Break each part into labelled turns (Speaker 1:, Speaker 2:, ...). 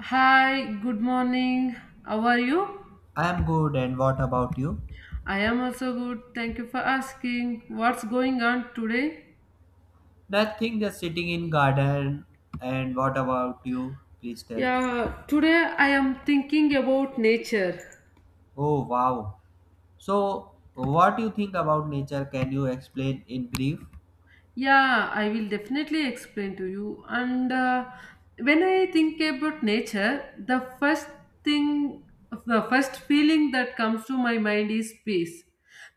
Speaker 1: Hi, good morning. How are you?
Speaker 2: I'm good, and what about you?
Speaker 1: I am also good. Thank you for asking. What's going on today?
Speaker 2: Nothing, just sitting in garden. And what about you? Please tell.
Speaker 1: Yeah, today I am thinking about nature.
Speaker 2: Oh wow. So, what do you think about nature? Can you explain in brief?
Speaker 1: Yeah, I will definitely explain to you. And When I think about nature, thing, the first feeling that comes to my mind is peace.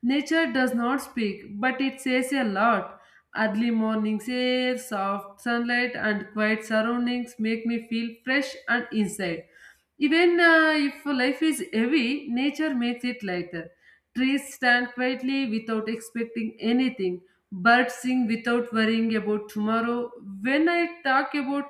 Speaker 1: Nature does not speak, but it says a lot. Early morning's air, soft sunlight, and quiet surroundings make me feel fresh and inside. Even if life is heavy, nature makes it lighter. Trees stand quietly without expecting anything, birds sing without worrying about tomorrow. When I talk about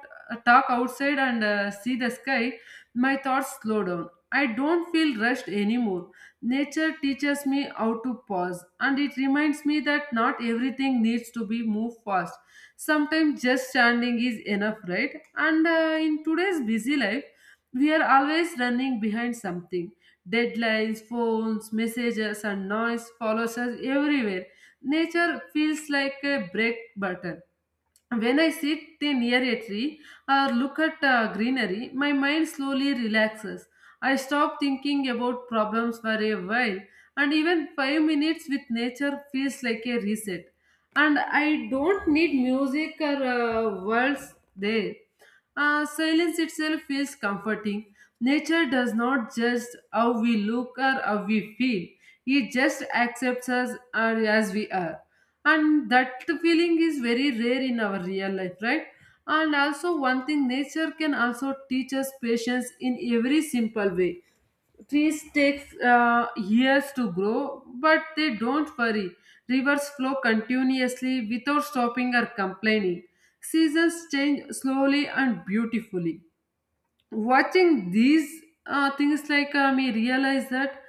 Speaker 1: Talk outside and see the sky, my thoughts slow down. I don't feel rushed anymore. Nature teaches me how to pause, and it reminds me that not everything needs to be moved fast. Sometimes just standing is enough, right? And In today's busy life, we are always running behind something. Deadlines, phones, messages, and noise follows us everywhere. Nature feels like a break button. When I sit near a tree or look at greenery, my mind slowly relaxes. I stop thinking about problems for a while, and even 5 minutes with nature feels like a reset. And I don't need music or words there. Silence itself feels comforting. Nature does not judge how we look or how we feel. It just accepts us are as we are. And that feeling is very rare in our real life, right? And also, one thing, nature can also teach us patience in every simple way. Trees take years to grow, but they don't worry. Rivers flow continuously without stopping or complaining. Seasons change slowly and beautifully, watching these things me realize that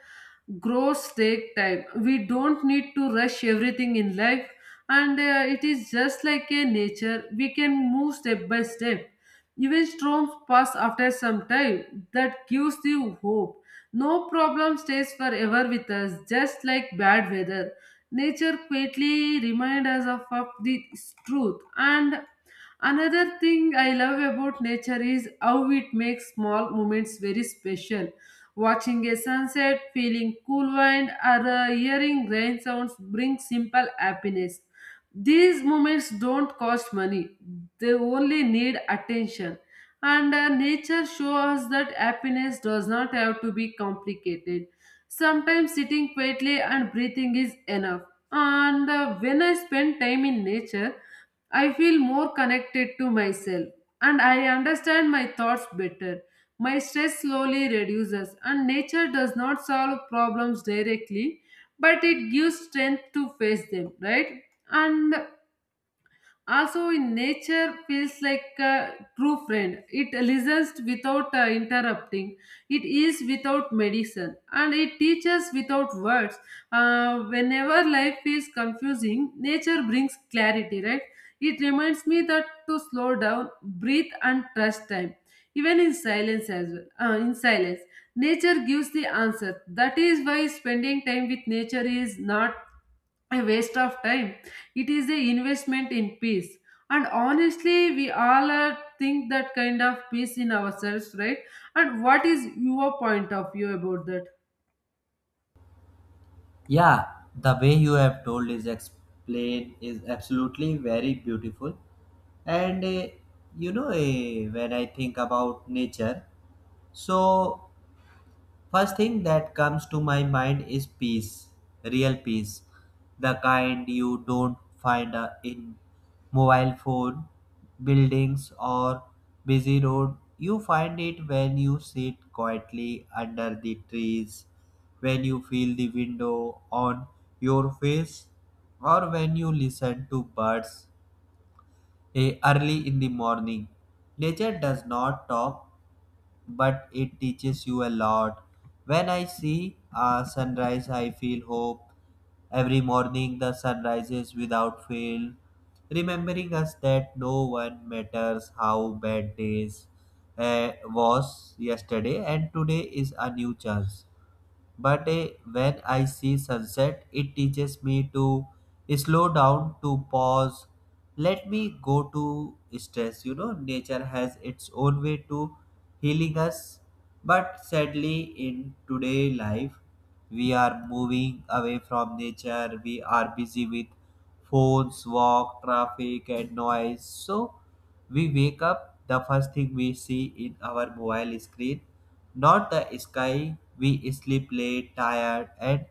Speaker 1: growth take time, we don't need to rush everything in life. And It is just like a nature, we can move step by step. Even storms pass after some time, that gives you hope. No problem stays forever with us, just like bad weather. Nature quietly reminds us of the truth. And another thing I love about nature is how it makes small moments very special. Watching a sunset, feeling cool wind, or hearing rain sounds bring simple happiness. These moments don't cost money, they only need attention. And Nature shows us that happiness does not have to be complicated. Sometimes sitting quietly and breathing is enough. And When I spend time in nature, I feel more connected to myself, and I understand my thoughts better. My stress slowly reduces, and nature does not solve problems directly, but it gives strength to face them, right? And also, in nature feels like a true friend. It listens without interrupting. It is without medicine, and it teaches without words. Whenever life is confusing, nature brings clarity, right? It reminds me that to slow down, breathe, and trust time, even in silence as well. In silence, nature gives the answer. That is why spending time with nature is not a waste of time. It is a investment in peace. And honestly, we all are think that kind of peace in ourselves, right? And what is your point of view about that?
Speaker 2: Yeah, the way you have told is explained is absolutely very beautiful. And you know, when I think about nature, so first thing that comes to my mind is peace, real peace, the kind you don't find in mobile phone, buildings, or busy road. You find it when you sit quietly under the trees, when you feel the window on your face, or when you listen to birds early in the morning. Nature does not talk but it teaches you a lot. When I see a sunrise, I feel hope. Every morning, the sun rises without fail, remembering us that no one matters how bad days was yesterday, and today is a new chance. But when I see sunset, it teaches me to slow down, to pause, let me go to stress. You know, nature has its own way to healing us, but sadly, in today life, we are moving away from nature. We are busy with phones, walk, traffic and noise. So we wake up, the first thing we see in our mobile screen, not the sky. We sleep late, tired and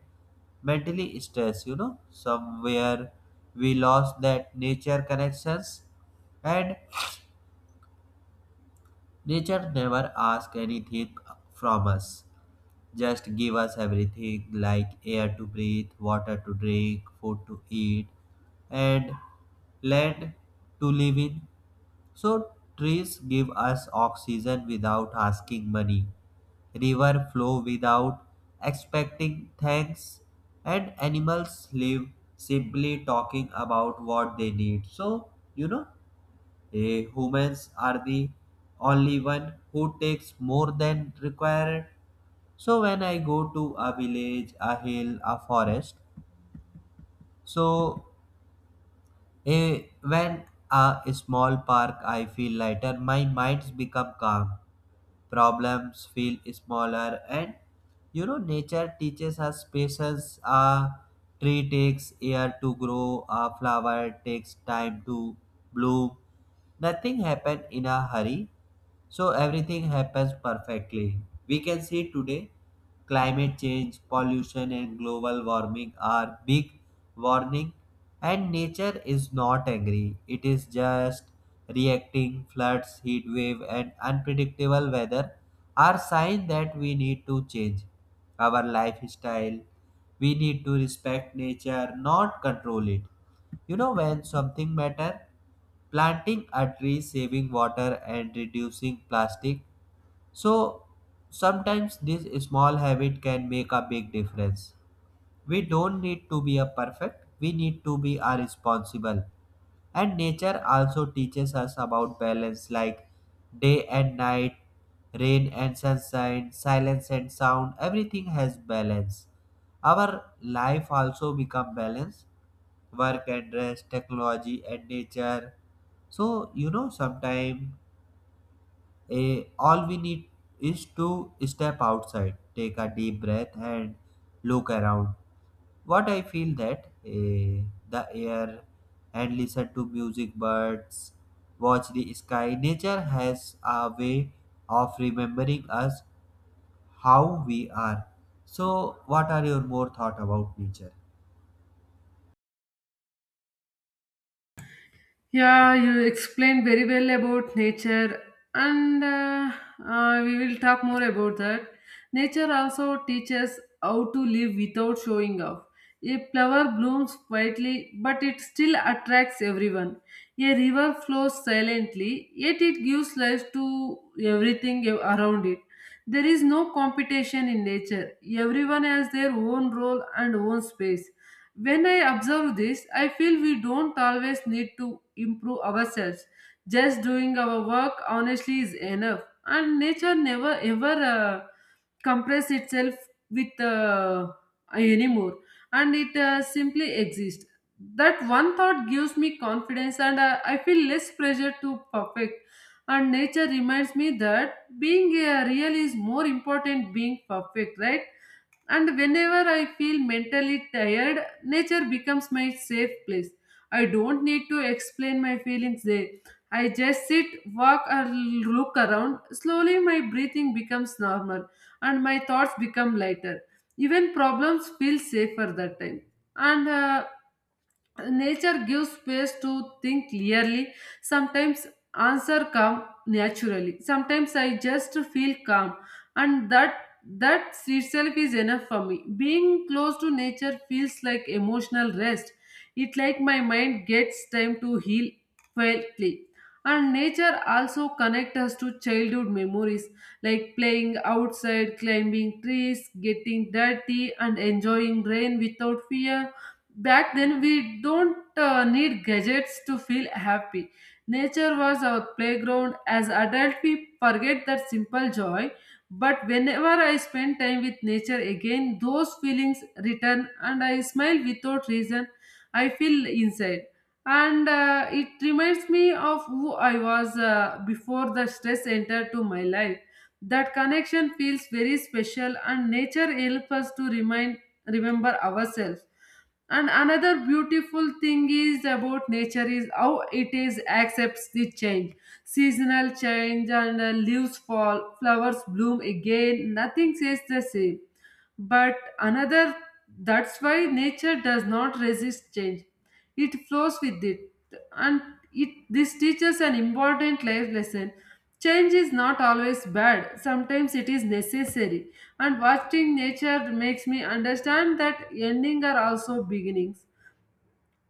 Speaker 2: mentally stressed. You know, somewhere we lost that nature connections. And nature never asks anything from us, just give us everything like air to breathe, water to drink, food to eat, and land to live in. So, trees give us oxygen without asking money, river flow without expecting thanks, and animals live simply talking about what they need. So, you know, humans are the only one who takes more than required. So when I go to a village, a hill, a forest, so a when a small park, I feel lighter. My minds become calm, problems feel smaller, and you know, nature teaches us patience. A tree takes year to grow, a flower takes time to bloom. Nothing happened in a hurry. So everything happens perfectly. We can see today climate change, pollution, and global warming are big warning, and nature is not angry. It is just reacting. Floods, heat wave, and unpredictable weather are signs that we need to change our lifestyle. We need to respect nature, not control it. You know when something matter? Planting a tree, saving water and reducing plastic. So sometimes this small habit can make a big difference. We don't need to be a perfect, we need to be a responsible. And nature also teaches us about balance, like day and night, rain and sunshine, silence and sound, everything has balance. Our life also become balance, work and rest, technology and nature. So you know, sometimes a all we need is to step outside, take a deep breath and look around. What I feel that, the air, and listen to music, birds, watch the sky. Nature has a way of remembering us how we are. So what are your more thought about nature?
Speaker 1: Yeah, you explained very well about nature, and we will talk more about that. Nature also teaches how to live without showing off. A flower blooms quietly, but it still attracts everyone. A river flows silently, yet it gives life to everything around it. There is no competition in nature. Everyone has their own role and own space. When I observe this, I feel we don't always need to improve ourselves. Just doing our work honestly is enough. And nature never ever compress itself with anymore. And it simply exists. That one thought gives me confidence, and I feel less pressure to perfect. And nature reminds me that being real is more important being perfect, right? And whenever I feel mentally tired, nature becomes my safe place. I don't need to explain my feelings there. I just sit, walk, or look around. Slowly, my breathing becomes normal and my thoughts become lighter. Even problems feel safer that time. And Nature gives space to think clearly. Sometimes answer come naturally, sometimes I just feel calm, and that itself is enough for me. Being close to nature feels like emotional rest. It like my mind gets time to heal quietly. And nature also connects us to childhood memories, like playing outside, climbing trees, getting dirty and enjoying rain without fear. Back then, we don't need gadgets to feel happy. Nature was our playground. As adults, we forget that simple joy. But whenever I spend time with nature again, those feelings return and I smile without reason. I feel inside. And It reminds me of who I was before the stress entered to my life. That connection feels very special, and nature helps us to remind remember ourselves. And another beautiful thing is about nature is how it is accepts the change, seasonal change, and leaves fall, flowers bloom again. Nothing stays the same. But another, that's why nature does not resist change. It flows with it. And it this teaches an important life lesson. Change is not always bad. Sometimes it is necessary. And watching nature makes me understand that ending are also beginnings.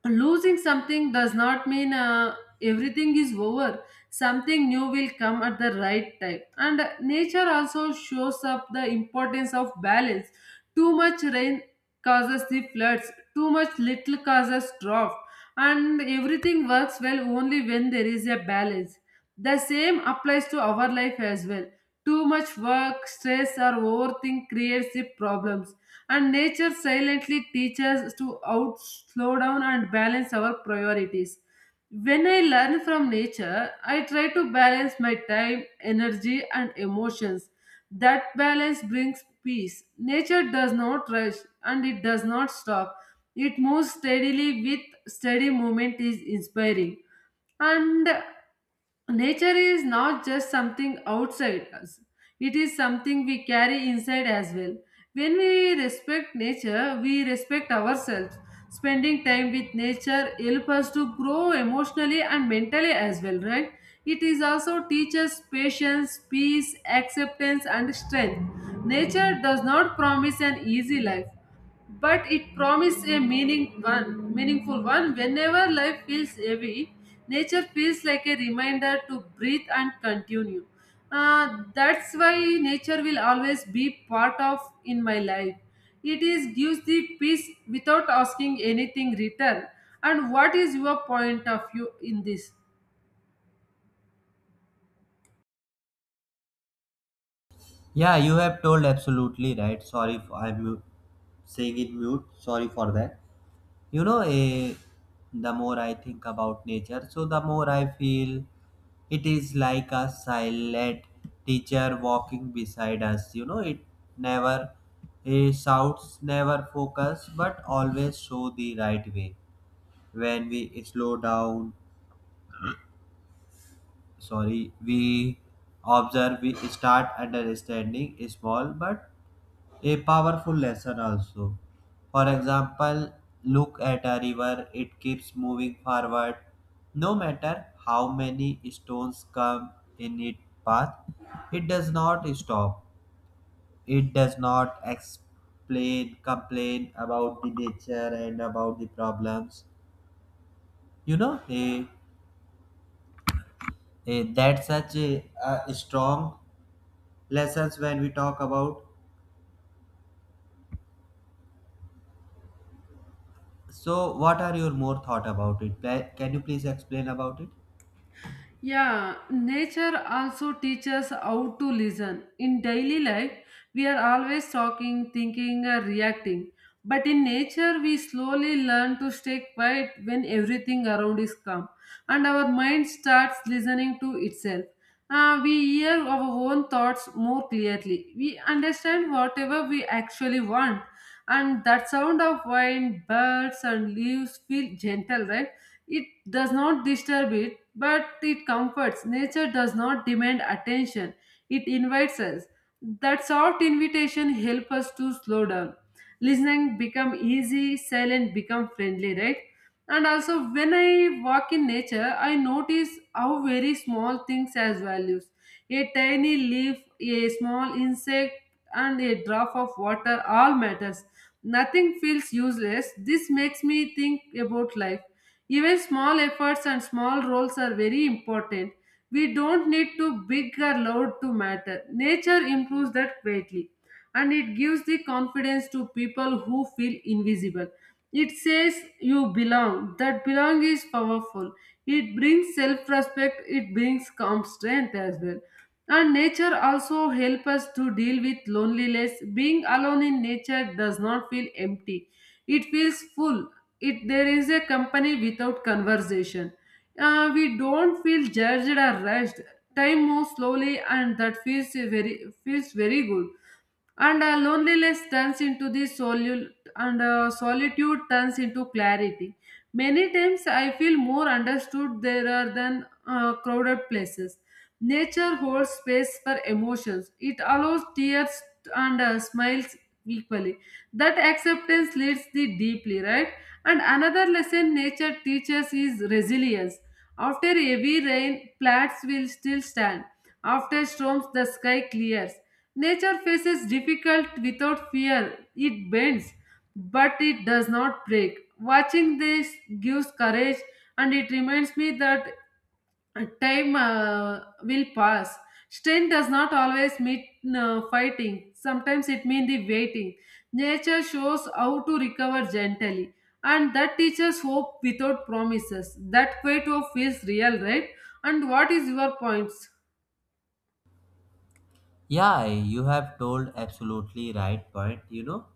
Speaker 1: Losing something does not mean everything is over, something new will come at the right time. And nature also shows up the importance of balance. Too much rain causes the floods, too much little causes drought, and everything works well only when there is a balance. The same applies to our life as well. Too much work stress or overthink creates the problems, and nature silently teaches us to out slow down and balance our priorities. When I learn from nature, I try to balance my time, energy, and emotions. That balance brings peace. Nature does not rush and it does not stop. It moves steadily with steady movement is inspiring. And nature is not just something outside us, it is something we carry inside as well. When we respect nature, we respect ourselves. Spending time with nature helps us to grow emotionally and mentally as well, right? It is also teaches patience, peace, acceptance, and strength. Nature does not promise an easy life, but it promises a meaningful one. Whenever life feels heavy, nature feels like a reminder to breathe and continue. Uh, that's why nature will always be part of in my life. It is gives the peace without asking anything return. And what is your point of view in this?
Speaker 2: Yeah, you have told absolutely right. Sorry if saying it mute, sorry for that. You know, the more I think about nature, so the more I feel it is like a silent teacher walking beside us. You know, it never shouts, never focus, but always show the right way. When we slow down, sorry, we observe, we start understanding small but a powerful lesson also. For example, look at a river, it keeps moving forward no matter how many stones come in its path. It does not stop, it does not explain, complain about the nature and about the problems. You know, that's such a strong lessons when we talk about. So, what are your more thought about it? Can you please explain about it?
Speaker 1: Yeah, nature also teaches how to listen. In daily life, we are always talking, thinking, or reacting. But in nature, we slowly learn to stay quiet when everything around is calm, and our mind starts listening to itself. We hear our own thoughts more clearly. We understand whatever we actually want, and that sound of wind, birds, and leaves feel gentle, right? It does not disturb it, but it comforts. Nature does not demand attention, it invites us. That soft invitation helps us to slow down. Listening become easy, silent become friendly, right? And also, when I walk in nature, I notice how very small things has values. A tiny leaf, a small insect, and a drop of water all matters. Nothing feels useless. This makes me think about life. Even small efforts and small roles are very important. We don't need to big or loud to matter. Nature improves that greatly, and it gives the confidence to people who feel invisible. It says you belong. That belong is powerful. It brings self respect, it brings calm strength as well. And nature also helps us to deal with loneliness. Being alone in nature does not feel empty, it feels full. It, there is a company without conversation. We don't feel judged or rushed. Time moves slowly, and that feels very good. And Loneliness turns into the solute, and solitude turns into clarity. Many times I feel more understood there are than crowded places. Nature holds space for emotions, it allows tears and smiles equally. That acceptance leads the deeply, right? And another lesson nature teaches is resilience. After heavy rain, plants will still stand. After storms, the sky clears. Nature faces difficult without fear. It bends, but it does not break. Watching this gives courage, and it reminds me that time will pass. Strength does not always mean fighting. Sometimes it means the waiting. Nature shows how to recover gently, and that teaches hope without promises. That quiet hope feels real, right? And what is your points?
Speaker 2: Yeah, you have told absolutely right point. You know,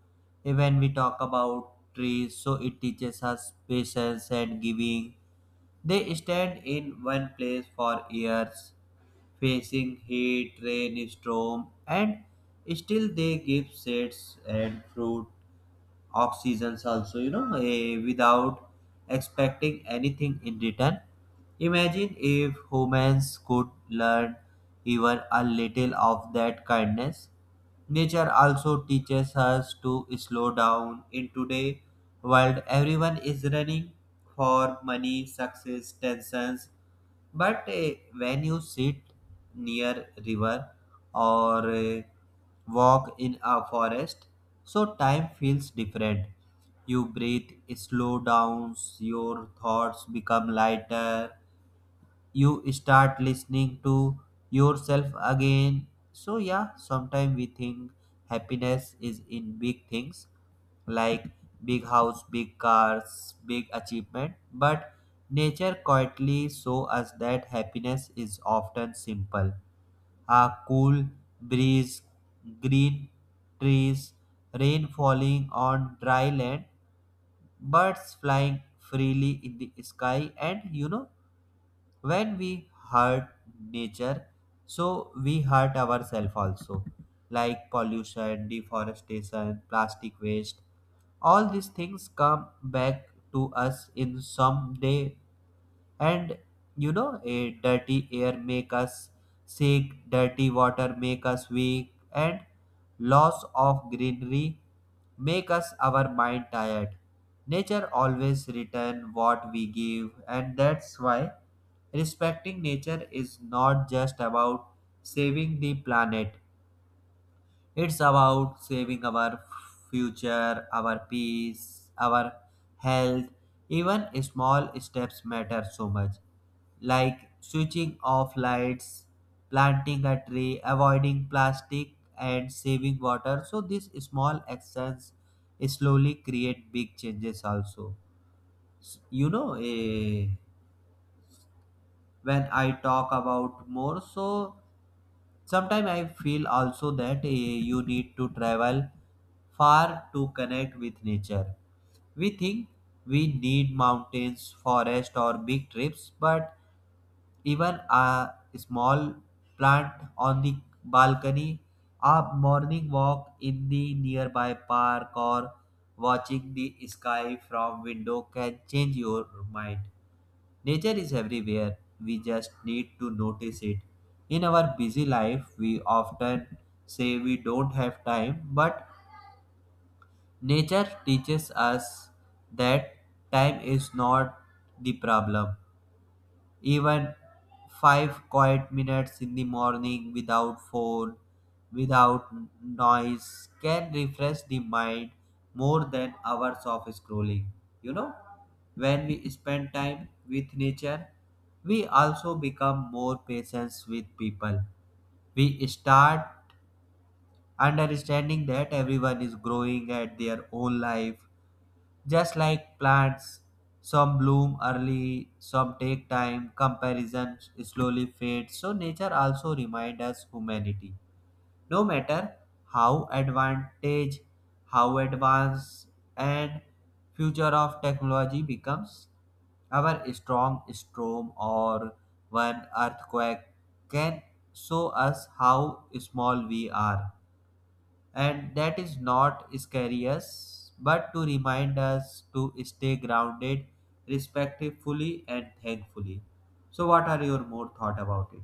Speaker 2: when we talk about trees, so it teaches us patience and giving. They stand in one place for years, facing heat, rain, storm, and still they give shades and fruit off seasons also, you know, without expecting anything in return. Imagine if humans could learn even a little of that kindness. Nature also teaches us to slow down. In today world, everyone is running for money, success, tensions, but when you sit near river or walk in a forest, so time feels different. You breathe, slow down, your thoughts become lighter, you start listening to yourself again. So, yeah, sometimes we think happiness is in big things like big house, big cars, big achievement, but nature quietly shows us that happiness is often simple: a cool breeze, green trees, rain falling on dry land, birds flying freely in the sky. And you know, when we hurt nature, so we hurt ourselves also, like pollution, deforestation, plastic waste, all these things come back to us in some day. And you know, a dirty air make us sick, dirty water make us weak, and loss of greenery make us our mind tired. Nature always return what we give, and that's why respecting nature is not just about saving the planet, it's about saving our future, our peace, our health. Even small steps matter so much, like switching off lights, planting a tree, avoiding plastic, and saving water. So, these small actions slowly create big changes, also. You know, when I talk about more, so sometimes I feel also that you need to travel far to connect with nature. We think we need mountains, forest, or big trips, but even a small plant on the balcony, a morning walk in the nearby park, or watching the sky from window can change your mind. Nature is everywhere, we just need to notice it. In our busy life, we often say we don't have time, but nature teaches us that time is not the problem. Even 5 quiet minutes in the morning without phone, without noise, can refresh the mind more than hours of scrolling. You know, when we spend time with nature, we also become more patient with people. We start understanding that everyone is growing at their own life, just like plants, some bloom early, some take time, comparison slowly fades. So nature also reminds us humanity. No matter how advantage, how advanced and future of technology becomes, our strong storm or one earthquake can show us how small we are, and that is not scary us but to remind us to stay grounded, respectfully and thankfully. So what are your more thought about it?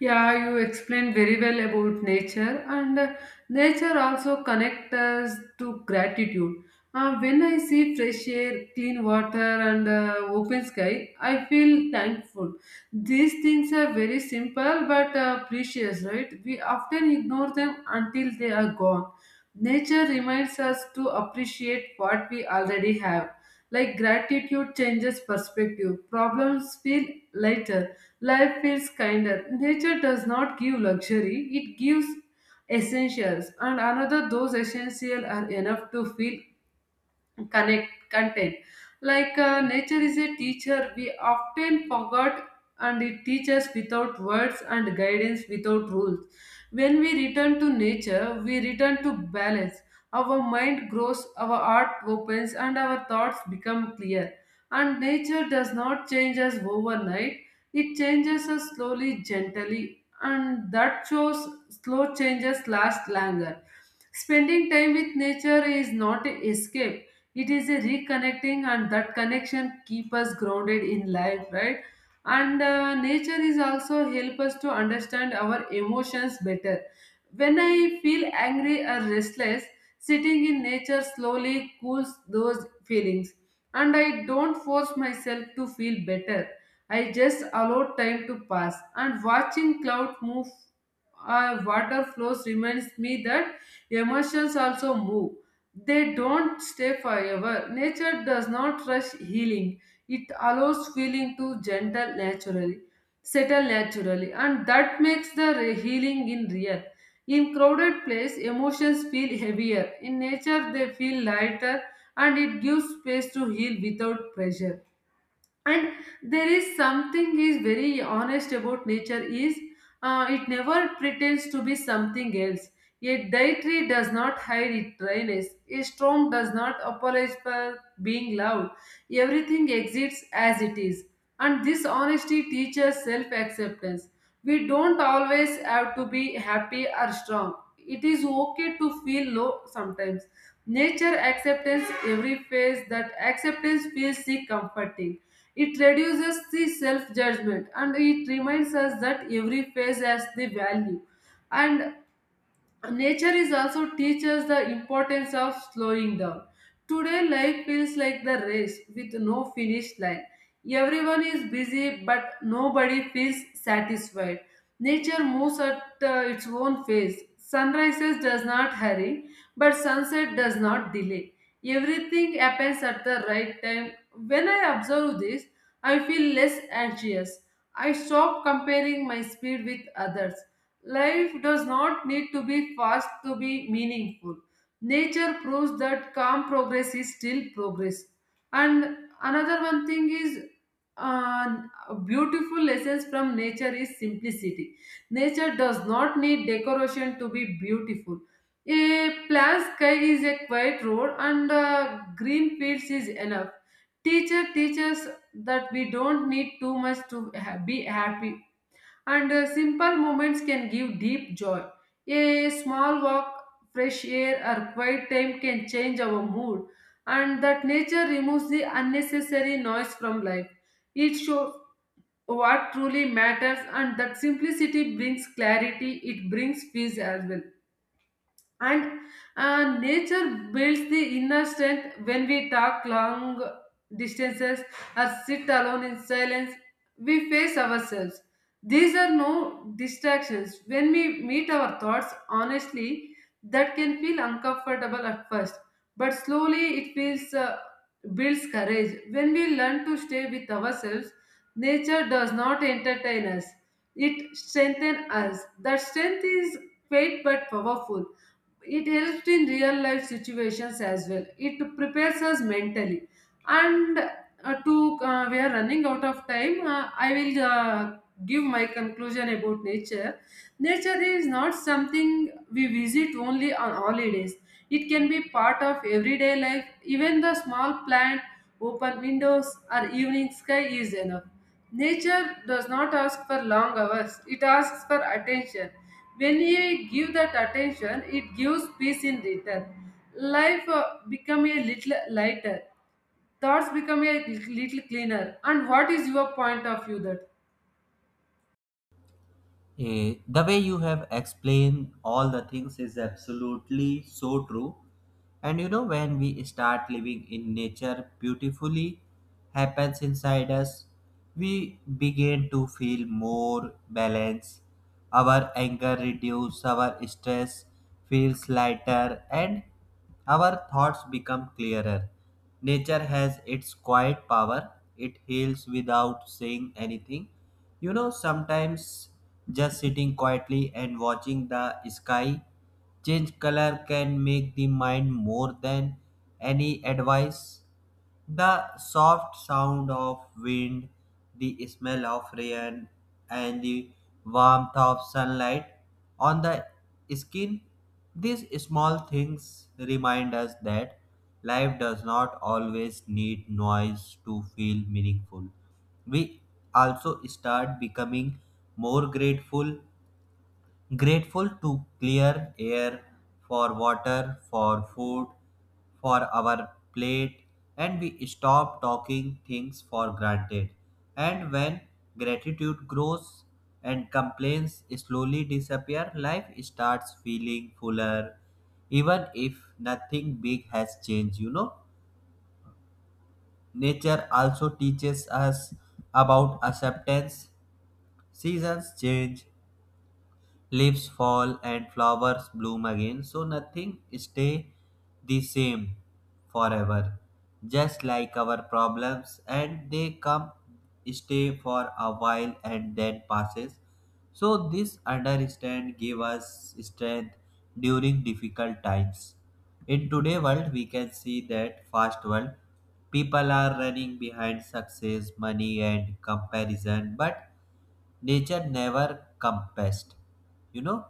Speaker 1: Yeah, you explained very well about nature, and nature also connects us to gratitude. When I see fresh air, clean water, and open sky, I feel thankful. These things are very simple but precious, right? We often ignore them until they are gone. Nature reminds us to appreciate what we already have. Like gratitude changes perspective, problems feel lighter. Life feels kinder. Nature does not give luxury, it gives essentials, and another those essentials are enough to feel connect content like nature is a teacher we often forgot, and it teaches without words and guidance without rules. When we return to nature, we return to balance. Our mind grows, our heart opens, and our thoughts become clear. And nature does not change us overnight, it changes us slowly, gently, and that shows slow changes last longer. Spending time with nature is not an escape, it is a reconnecting, and that connection keep us grounded in life, right? And nature is also help us to understand our emotions better. When I feel angry or restless, sitting in nature slowly cools those feelings, and I don't force myself to feel better. I just allow time to pass, and watching clouds move, water flows reminds me that emotions also move, they don't stay forever. Nature does not rush healing. It allows feeling to gentle naturally, settle naturally, and that makes the healing in real. In crowded place, emotions feel heavier. In nature, they feel lighter, and it gives space to heal without pressure. And there is something is very honest about nature is, it never pretends to be something else. A dietary does not hide its dryness, a storm does not apologize for being loud. Everything exists as it is, and this honesty teaches self-acceptance. We don't always have to be happy or strong, it is okay to feel low sometimes. Nature acceptance every phase, that acceptance feels comforting. It reduces the self judgment, and it reminds us that every phase has the value. And nature is also teaches the importance of slowing down. Today, life feels like the race with no finish line. Everyone is busy, but nobody feels satisfied. Nature moves at its own pace. Sunrises does not hurry, but sunset does not delay. Everything happens at the right time. When I observe this, I feel less anxious. I stop comparing my speed with others. Life does not need to be fast to be meaningful. Nature proves that calm progress is still progress. And another one thing is uh, beautiful lessons from nature is simplicity. Nature does not need decoration to be beautiful. A plain sky is a quiet road, and green fields is enough. Teacher teaches that we don't need too much to be happy, and simple moments can give deep joy. A small walk, fresh air, or quiet time can change our mood, and that nature removes the unnecessary noise from life. It shows what truly matters, and that simplicity brings clarity, it brings peace as well. And nature builds the inner strength when we talk long distances or sit alone in silence, we face ourselves. These are no distractions. When we meet our thoughts honestly, that can feel uncomfortable at first, but slowly it feels, builds courage. When we learn to stay with ourselves, nature does not entertain us, it strengthens us. That strength is faint but powerful. It helps in real life situations as well, it prepares us mentally. And to we are running out of time, I will give my conclusion about nature. Nature is not something we visit only on holidays, it can be part of everyday life. Even the small plant, open windows, or evening sky is enough. Nature does not ask for long hours, it asks for attention. When you give that attention, it gives peace in return. Life become a little lighter, thoughts become a little cleaner. And what is your point of view that
Speaker 2: Eh, the way you have explained all the things is absolutely so true. And you know, when we start living in nature beautifully, happens inside us, we begin to feel more balance. Our anger reduces, our stress feels lighter, and our thoughts become clearer. Nature has its quiet power, it heals without saying anything. You know, sometimes just sitting quietly and watching the sky change color can make the mind more than any advice. The soft sound of wind, the smell of rain, and the warmth of sunlight on the skin, these small things remind us that life does not always need noise to feel meaningful. We also start becoming more grateful, grateful to clear air, for water, for food, for our plate. And we stop talking things for granted. And when gratitude grows and complaints slowly disappear, life starts feeling fuller, even if nothing big has changed. You know, nature also teaches us about acceptance. Seasons change, leaves fall and flowers bloom again, so nothing stay the same forever. Just like our problems, and they come, stay for a while and then passes. So this understand give us strength during difficult times. In today world we can see that fast world, people are running behind success, money and comparison, but nature never compassed, you know